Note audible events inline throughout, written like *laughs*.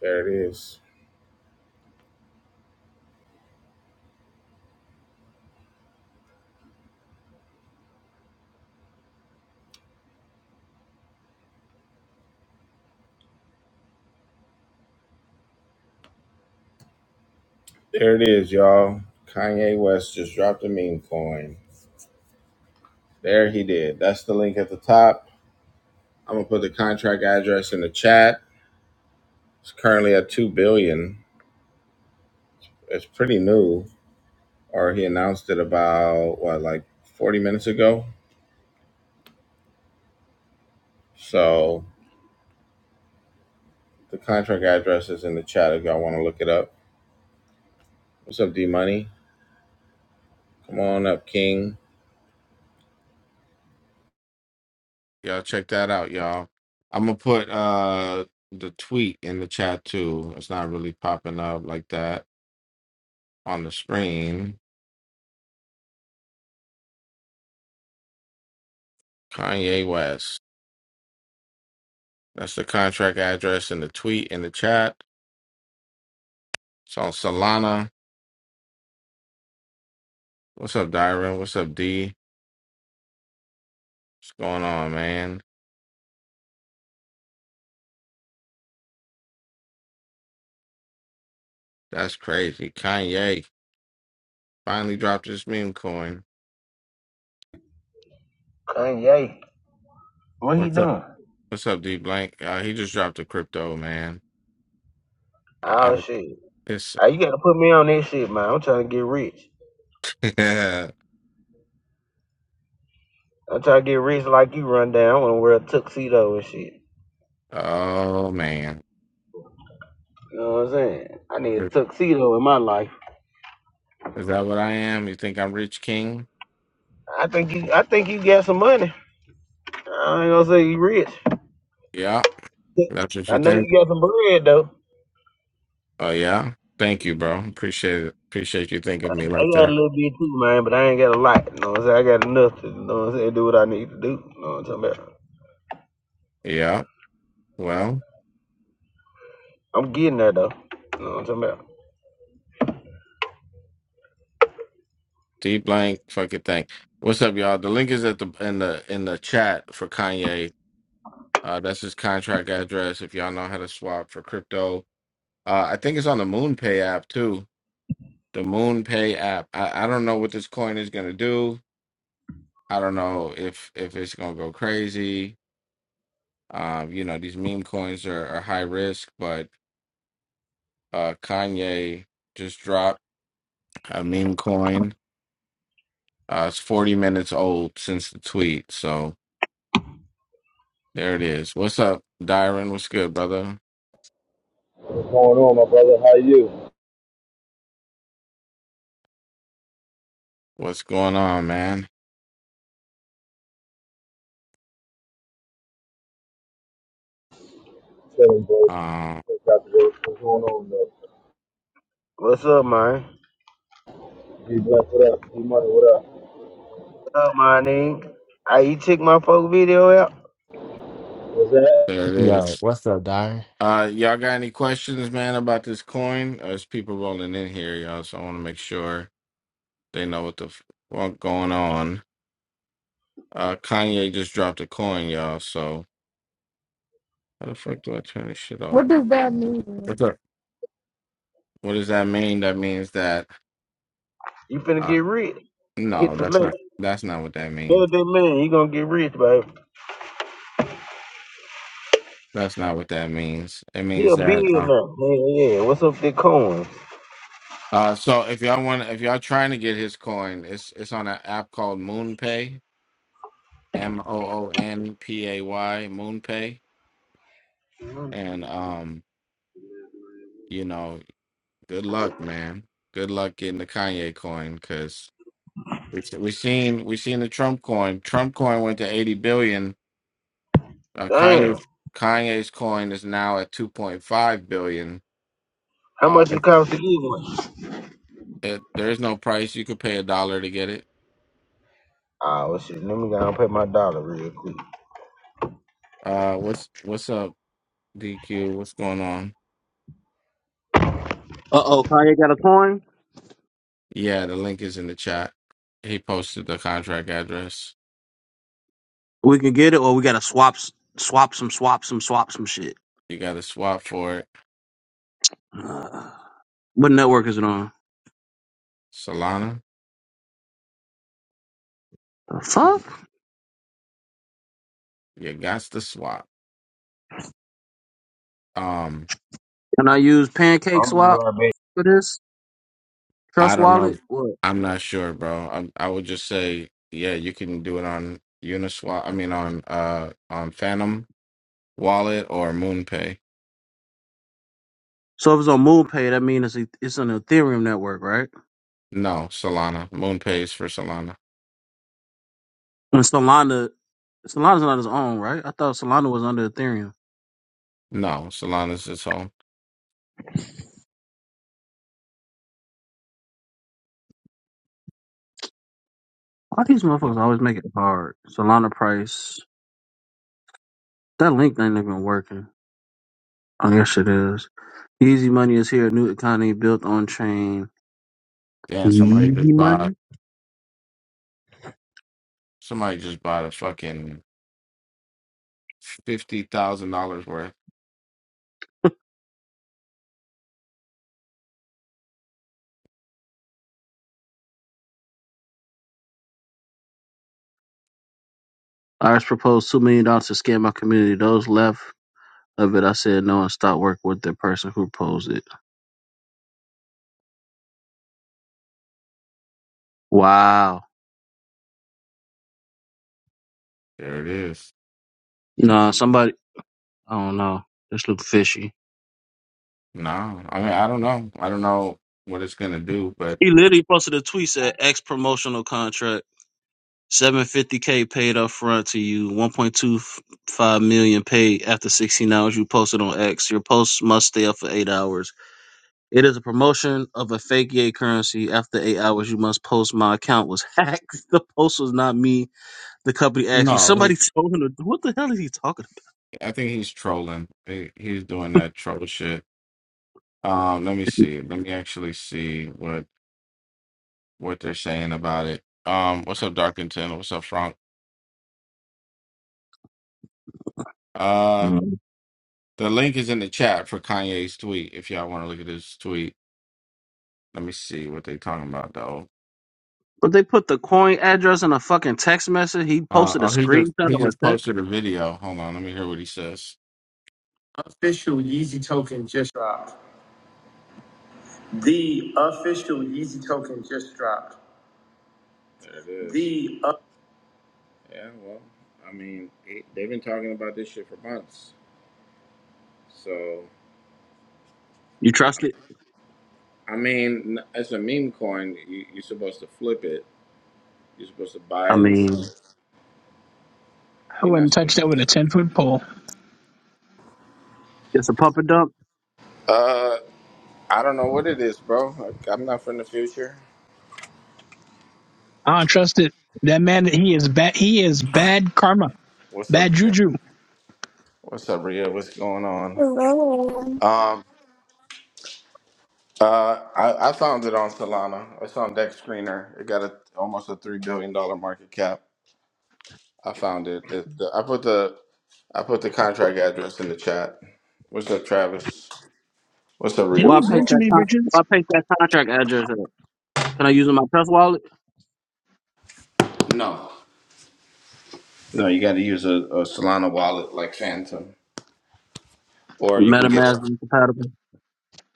There it is. There it is, y'all. Kanye West just dropped a meme coin. There he did. That's the link at the top. I'm gonna put the contract address in the chat. It's currently at two billion. It's pretty new. Or he announced it about what, like 40 minutes ago. So the contract address is in the chat if y'all want to look it up. What's up, D Money? Come on up, King. Y'all check that out, y'all. I'm gonna put uh the tweet in the chat too. It's not really popping up like that on the screen. Kanye West. That's the contract address in the tweet in the chat. It's on Solana. What's up, Dyron? What's up, D? What's going on, man? That's crazy. Kanye finally dropped his meme coin. Kanye. What he What's up? doing? What's up, D Blank? Uh, he just dropped a crypto, man. I, Oh I, shit. *laughs* it's, Hey, you gotta put me on this shit, man. I'm trying to get rich. *laughs* yeah. I'm trying to get rich like you run down. I wanna wear a tuxedo and shit. oh man. You know what I'm saying? I need a tuxedo in my life. Is that what I am? You think I'm Rich King? I think you I think you got some money. I ain't gonna say you rich. Yeah, that's what you I know you think. got some bread though. Oh yeah, thank you, bro. Appreciate it. Appreciate you thinking of me I like got a that. little bit too, man, but I ain't got a lot. You know what I'm saying? I got enough to you know what I'm saying, do what I need to do. You know what I'm talking about? Yeah. Well, I'm getting there though. You know what I'm talking about? deep blank fucking thing. What's up, y'all? The link is at the in the in the chat for Kanye. Uh, that's his contract address. If y'all know how to swap for crypto, uh, I think it's on the MoonPay app too. The MoonPay app. I, I don't know what this coin is gonna do. I don't know if if it's gonna go crazy. Um, you know, these meme coins are, are high risk, but uh, Kanye just dropped a meme coin. Uh, it's 40 minutes old since the tweet. So there it is. What's up, Dyron? What's good, brother? What's going on, my brother? How are you? What's going on, man? Chilling, bro. Uh, got to work. What's going on, though? What's up, man? G Blunt, what up? G Money, what up? up, my nigga. Hey, you check my folk video out. What's that? there it Yo, is. what's up, Diary? Uh, y'all got any questions, man, about this coin? Uh, There's people rolling in here, y'all, so I want to make sure they know what the f- what going on. Uh, Kanye just dropped a coin, y'all, so how the fuck do I turn this shit off? What does that mean? What's up? What does that mean? That means that You finna uh, get rich. Hit no, the that's link. not that's not what that Tell means. that man he gonna get rich, baby. That's not what that means. It He means a that uh, billionaire. Yeah, yeah. What's up with the coins? uh so if y'all want if y'all trying to get his coin, it's it's on an app called MoonPay, M O O N P A Y, MoonPay. And um, you know, good luck, man. Good luck getting the Kanye coin cuz we we seen we seen the Trump coin. Trump coin went to 80 billion. Uh, Damn. Kanye Kanye's coin is now at 2.5 billion How Uh, much it, it cost to get one? it, there is no price. You could pay a dollar to get it. Ah, well, shit. Let me go and pay my dollar real quick. Uh, what's what's up, DQ? What's going on? Uh oh, Kanye got a coin. Yeah, the link is in the chat. He posted the contract address. We can get it, or we gotta swap, s- swap some, swap some, swap some shit. You got to swap for it, *sighs* Uh, what network is it on? Solana. The Mm-hmm. fuck? You got to swap. Um, Can I use Pancake I'm gonna be Swap right back. for this I Trust don't know. Wallet? What? I'm not sure, bro. I, I would just say, yeah, you can do it on Uniswap. I mean, on uh on Phantom Wallet or MoonPay. So if it's on MoonPay, that means it's it's an Ethereum network, right? No, Solana. MoonPay is for Solana. And Solana, Solana's not his own, right? I thought Solana was under Ethereum. No, Solana's its own. Why these motherfuckers always make it hard? Solana price. That link ain't even working. I guess it is. Easy money is here. New economy built on chain. Damn, somebody Easy just money. bought somebody just bought a fucking fifty thousand dollars worth. Iris proposed two million dollars to scam my community. Those left of it, I said no and stopped work with the person who proposed it. Wow. There it is. No, somebody. I don't know. This look fishy. No, I mean I don't know. I don't know what it's gonna do, but He literally posted a tweet said X promotional contract. 750k paid up front to you, 1.25 million paid after 16 hours you posted on X. Your post must stay up for 8 hours. It is a promotion of a fake yay currency. After 8 hours you must post my account was hacked. *laughs* The post was not me The company actually no, he, somebody *laughs* told him to- what the hell is he talking I think he's trolling. He, he's doing that troll shit. Um, let me see. Let me actually see what what they're saying about it. Um, what's up, Darkington? What's up, Frank? about? Uh, Mhm. the link is in the chat for Kanye's tweet. If y'all want to look at his tweet, let me see what they talking about though. But they put the coin address in a fucking text message. He Uh, posted a oh, he just screenshot he of just a text. posted a video. Hold on, let me hear what he says. Official Yeezy token just dropped. The official Yeezy token just dropped. There it is. The uh, Yeah, well, I mean, it, they've been talking about this shit for months. So, You trust it? I mean, n- as a meme coin, you, you're supposed to flip it. You're supposed to buy I it and sell mean, it. I You're not wouldn't touch supposed to that with a hold it. ten foot pole. it's a pump and dump. Uh, I don't know what it is, bro. Like, I'm not from the future. I don't trust it. That man, he is bad. He is bad karma, What's up, bad Rhea? juju. What's up, Rhea? What's going on? Hello. Um. Uh, I, I found it on Solana. It's on Deck Screener. It got a, almost a three billion dollar market cap. I found it. it the, I put the I put the contract address in the chat. What's up, Travis? What's up, Didn't Rio? he Why What's burn paste going too that? many Con- bridges? why paste that contract address? In? Can I use it in my Trust Wallet? on? No, no, you got to use a, a Solana wallet like Phantom, or you can get it. MetaMask is compatible.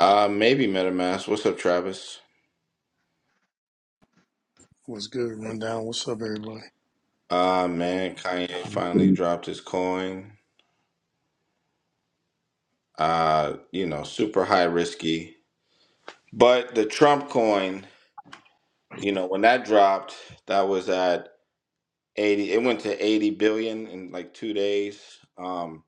Uh, maybe MetaMask. What's up, Travis? What's good, Rundown? What's up, everybody? Uh, man, Kanye finally The dropped his coin. Uh, you know, super high risky, but the Trump coin. You know, when that dropped, that was at 80, it went to 80 billion in like two days. Um,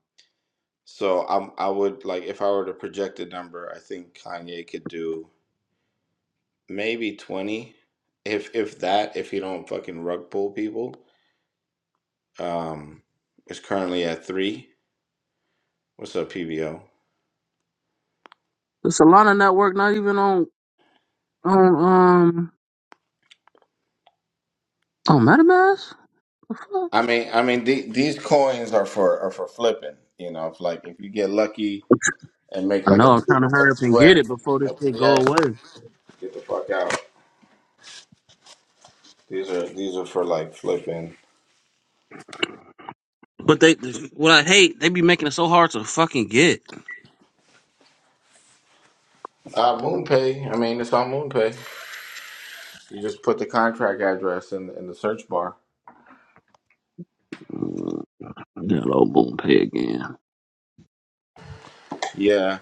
so I'm, I would like, if I were to project a number, I think Kanye could do maybe 20, if if that, if he don't fucking rug pull people. Um, it's currently at three. What's up, PBO? Solana network not even on on um on MetaMask. The I fuck? mean, I mean, the, these coins are for are for flipping. You know, if like if you get lucky and make I like a know. I'm trying two to hurry up a and two get it x before this a thing three go x, away. get the fuck out. These are these are for like flipping. But they, what I hate, they be making it so hard to fucking get. Uh, MoonPay. I mean, it's on MoonPay. You just put the contract address in in the search bar. That old Moon again. Yeah,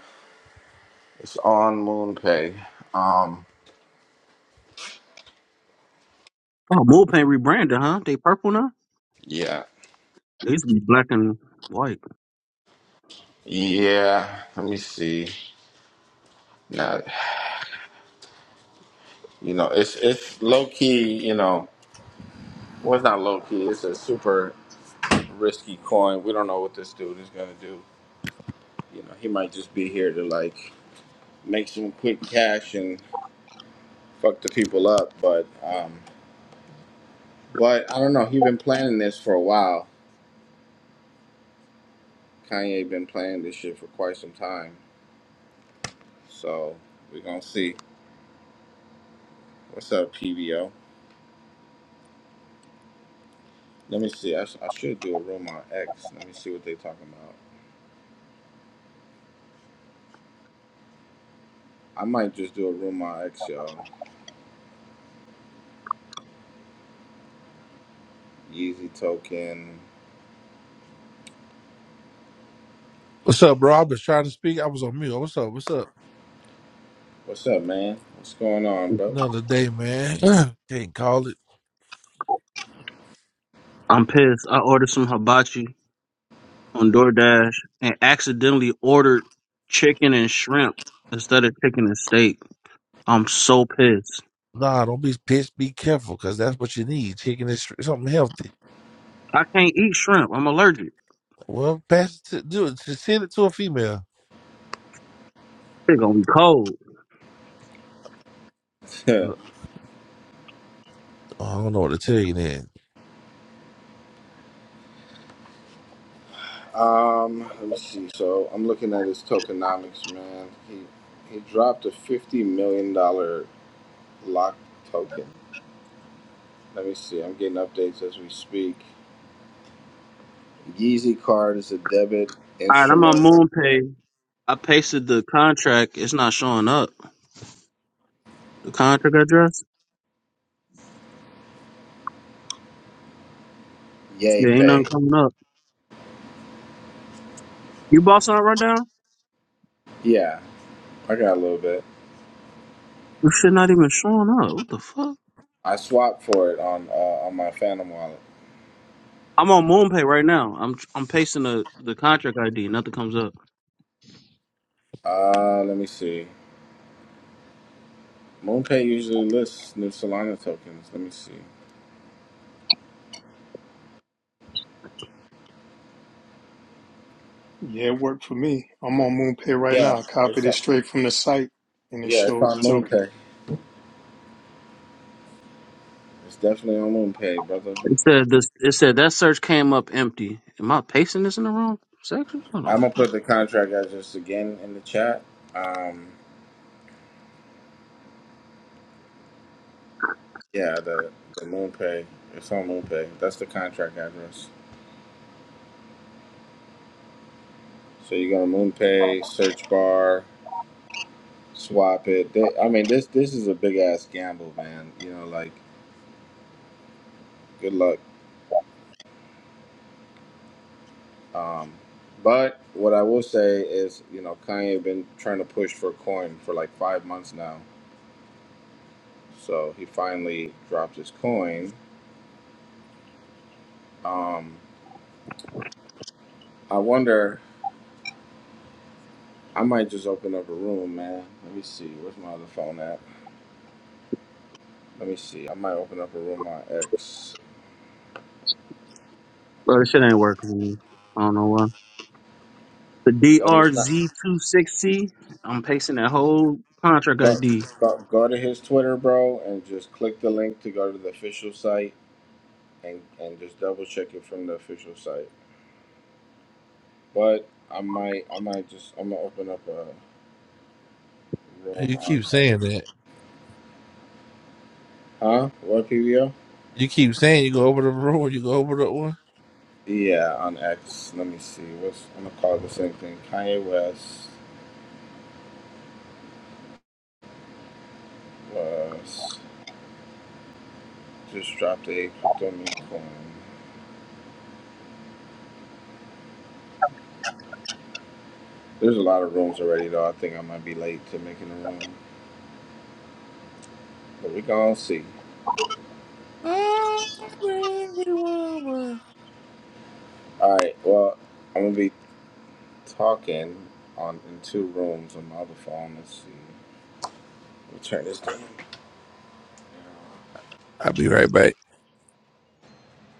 it's on MoonPay. Um, Oh, MoonPay rebranded, huh? They purple now? yeah, They used to be black and white. yeah. Let me see. Now, you know, it's it's low key. You know, well, it's not low key. It's a super risky coin. We don't know what this dude is gonna do. You know, he might just be here to like make some quick cash and fuck the people up. But um, But I don't know. He been planning this for a while. Kanye been planning this shit for quite some time. So we gonna see. What's up, PVO? Let me see. I, sh- I should do a room on X. Let me see what they talking about. I might just do a room on X, y'all. Yeezy token. What's up, bro? I was trying to speak. I was on mute. What's up? What's up? What's up, man? What's going on, bro? Another day, man. *clears throat* Can't call it. I'm pissed. I ordered some hibachi on DoorDash and accidentally ordered chicken and shrimp instead of chicken and steak. I'm so pissed. Nah, don't be pissed. Be careful, cause that's what you need. Chicken is something healthy. I can't eat shrimp. I'm allergic. Well, pass it to do it. Just send it to a female. It's gonna be cold. *laughs* No, I don't know what to tell you. Then um, let me see. So I'm looking at his tokenomics, man. He he dropped a fifty million dollar locked token. Let me see. I'm getting updates as we speak. Yeezy card is a debit All right, I'm instrument. on MoonPay. I pasted the contract. It's not showing up. The contract address? Yay Yeah, ain't pay. nothing coming up. You bought something right now? Yeah, I got a little bit. You shit not even showing up. What the fuck? I swapped for it on uh, on my Phantom wallet. I'm on MoonPay right now. I'm I'm pasting the, the contract ID. Nothing comes up. Uh, let me see. MoonPay usually lists new Solana tokens. Let me see. Yeah, it worked for me. I'm on MoonPay right Yeah, now. I it's copied it on, straight from the site, and it yeah, it's showed the on token. MoonPay. It's definitely on MoonPay, brother. It said this. It said that search came up empty. Am I pasting this in the wrong section? Hold on. I'm gonna put the contract address again in the chat. Um, yeah, the the MoonPay. It's on MoonPay. That's the contract address. So you go to MoonPay search bar. swap it. They, I mean, this this is a big ass gamble, man. You know, like good luck. Um, but what I will say is, you know, Kanye been trying to push for coin for like five months now, so he finally dropped his coin. Um, I wonder. I might just open up a room, man. Let me see. Where's my other phone at? Let me see. I might open up a room on X. Bro, this shit ain't working. Man. I don't know why. The Maybe it's not. drz two sixty. am pasting that whole contract Go, ID. go, go to his Twitter, bro, and just click the link to go to the official site and and just double check it from the official site. But I might I might just I'm gonna open up a room you on keep X. saying that. Huh? What PVO? You keep saying you go over the road. You go over the one. Yeah, on X. Let me see. What's I'm gonna call it the Oh, same thing. Kanye West was just dropped a crypto meme coin. There's a lot of rooms already though. I think I might be late to making a room, but we gonna see. I'm every woman. All right. Well, I'm gonna be talking on in two rooms on my other phone. Let's see. We me turn this down. I'll be right back.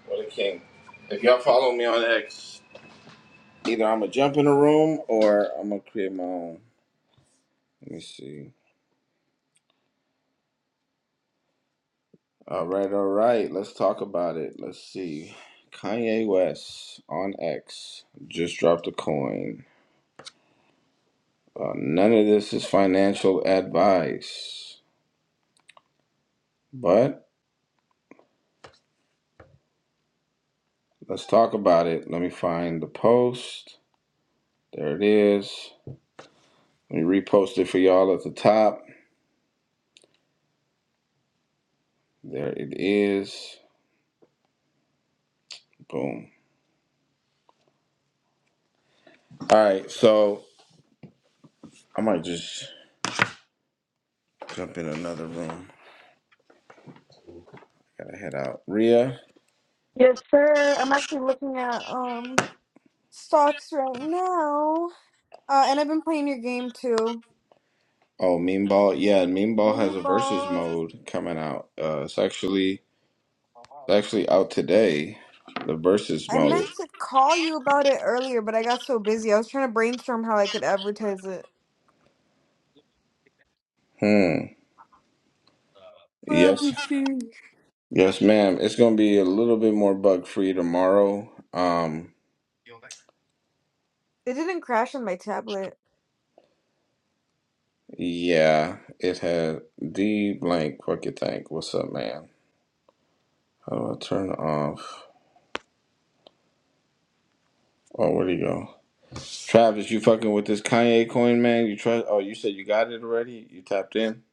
What a king. If y'all follow me on X, either I'm going to jump in a room or I'm going to create my own. Let me see. All right, all right. Let's talk about it. Let's see. Kanye West on X just dropped a coin. Uh, none of this is financial advice, but let's talk about it. Let me find the post. There it is. Let me repost it for y'all at the top. There it is. Boom. All right, so I might just Jump in another room. Gotta head out. Rhea. Yes, sir. I'm actually looking at um stocks right now. Uh, and I've been playing your game too. Oh, Mean Ball. Yeah, Mean Ball has Move a versus balls. mode coming out. Uh, it's actually it's actually out today. The versus I mode. meant to call you about it earlier, but I got so busy. I was trying to brainstorm how I could advertise it. Hmm. Oh, I'm Yes. so Yes, ma'am. It's gonna be a little bit more bug free tomorrow. Um. It didn't crash on my tablet. Yeah. It had the blank. Fuck you think? What's up, man? How do I turn off? Oh, where'd he go? Travis, you fucking with this Kanye coin, man? You try? Oh, you said you got it already? You tapped in?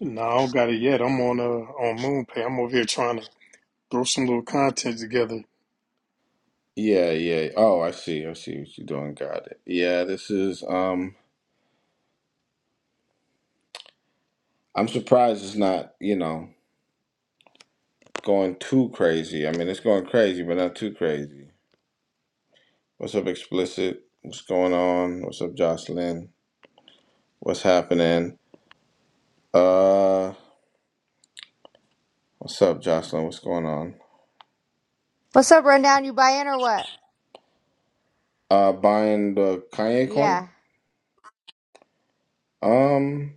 No, I don't got it yet. I'm on uh on MoonPay. I'm over here trying to throw some little content together Yeah, yeah. Oh, I see. I see what you're doing. Got it. Yeah, this is um I'm surprised it's not, you know, going too crazy. I mean, it's going crazy, but not too crazy. What's up, explicit? What's going on? What's up, Jocelyn? What's happening? Uh, what's up, Jocelyn? What's going on? What's up, Rundown? You buy in or what? Uh, buying the Kanye coin? Yeah, Um,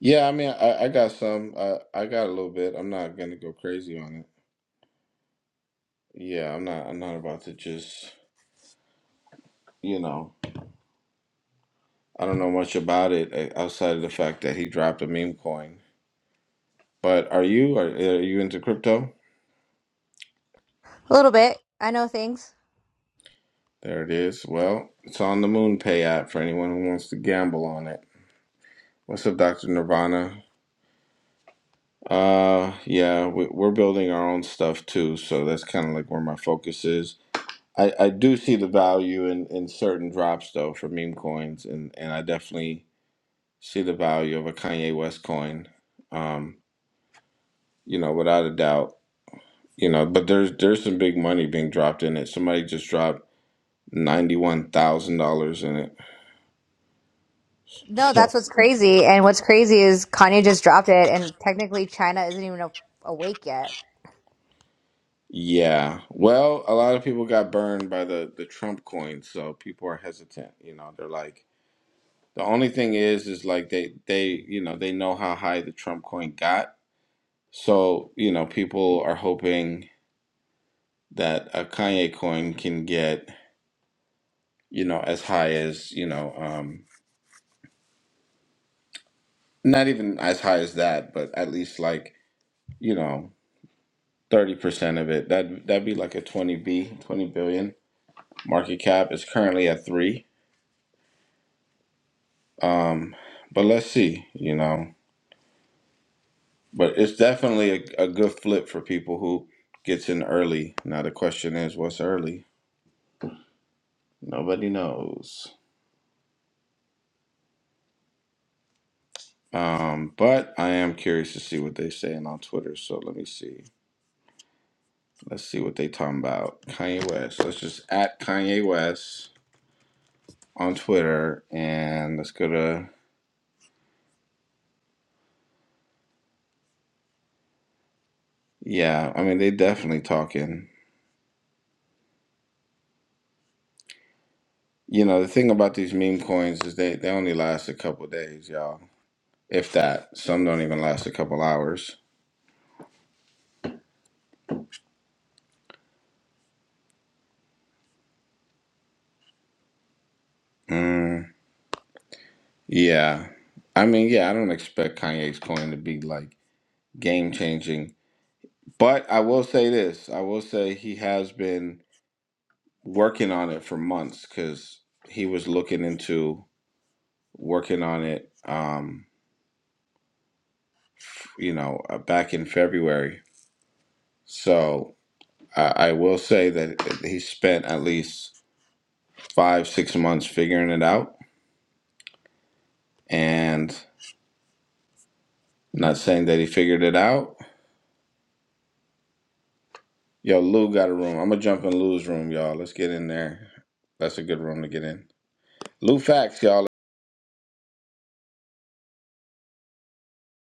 yeah, I mean, I, I got some. I I got a little bit. I'm not gonna go crazy on it. Yeah, I'm not. I'm not about to just, you know. I don't know much about it eh, outside of the fact that he dropped a meme coin. But are you? Are, are you into crypto? a little bit. I know things. There it is. Well, it's on the MoonPay app for anyone who wants to gamble on it. What's up, Dr. Nirvana? Uh, yeah, we, we're building our own stuff too, so that's kind of like where my focus is. I, I do see the value in, in certain drops though for meme coins, and, and I definitely see the value of a Kanye West coin. Um, you know, without a doubt you know but there's there's some big money being dropped in it somebody just dropped $91000 in it No, so that's what's crazy. And what's crazy is Kanye just dropped it, and technically China isn't even a- awake yet. yeah well a lot of people got burned by the the trump coin so people are hesitant you know they're like the only thing is is like they they you know they know how high the trump coin got so you know people are hoping that a kanye coin can get you know as high as you know um not even as high as that but at least like you know Thirty percent of it. That that'd be like a twenty B, twenty billion market cap. It's currently at three. Um, but let's see, you know. But it's definitely a, a good flip for people who gets in early. Now the question is, what's early? Nobody knows. Um, but I am curious to see what they saying on Twitter. So let me see. Let's see what they talking about. Kanye West. Let's just at Kanye West on Twitter and let's go to yeah, I mean they definitely talking. You know, the thing about these meme coins is they, they only last a couple days, y'all. If that. Some don't even last a couple hours. Mm, yeah. I mean, yeah, I don't expect Kanye's coin to be like game changing. But I will say this I will say he has been working on it for months because he was looking into working on it, um, you know, uh, back in February. So I, I will say that he spent at least five, six months figuring it out. And I'm not saying that he figured it out. Yo, Lou got a room. I'm gonna jump in Lou's room, y'all. Let's get in there. That's a good room to get in. Lou Facts, y'all.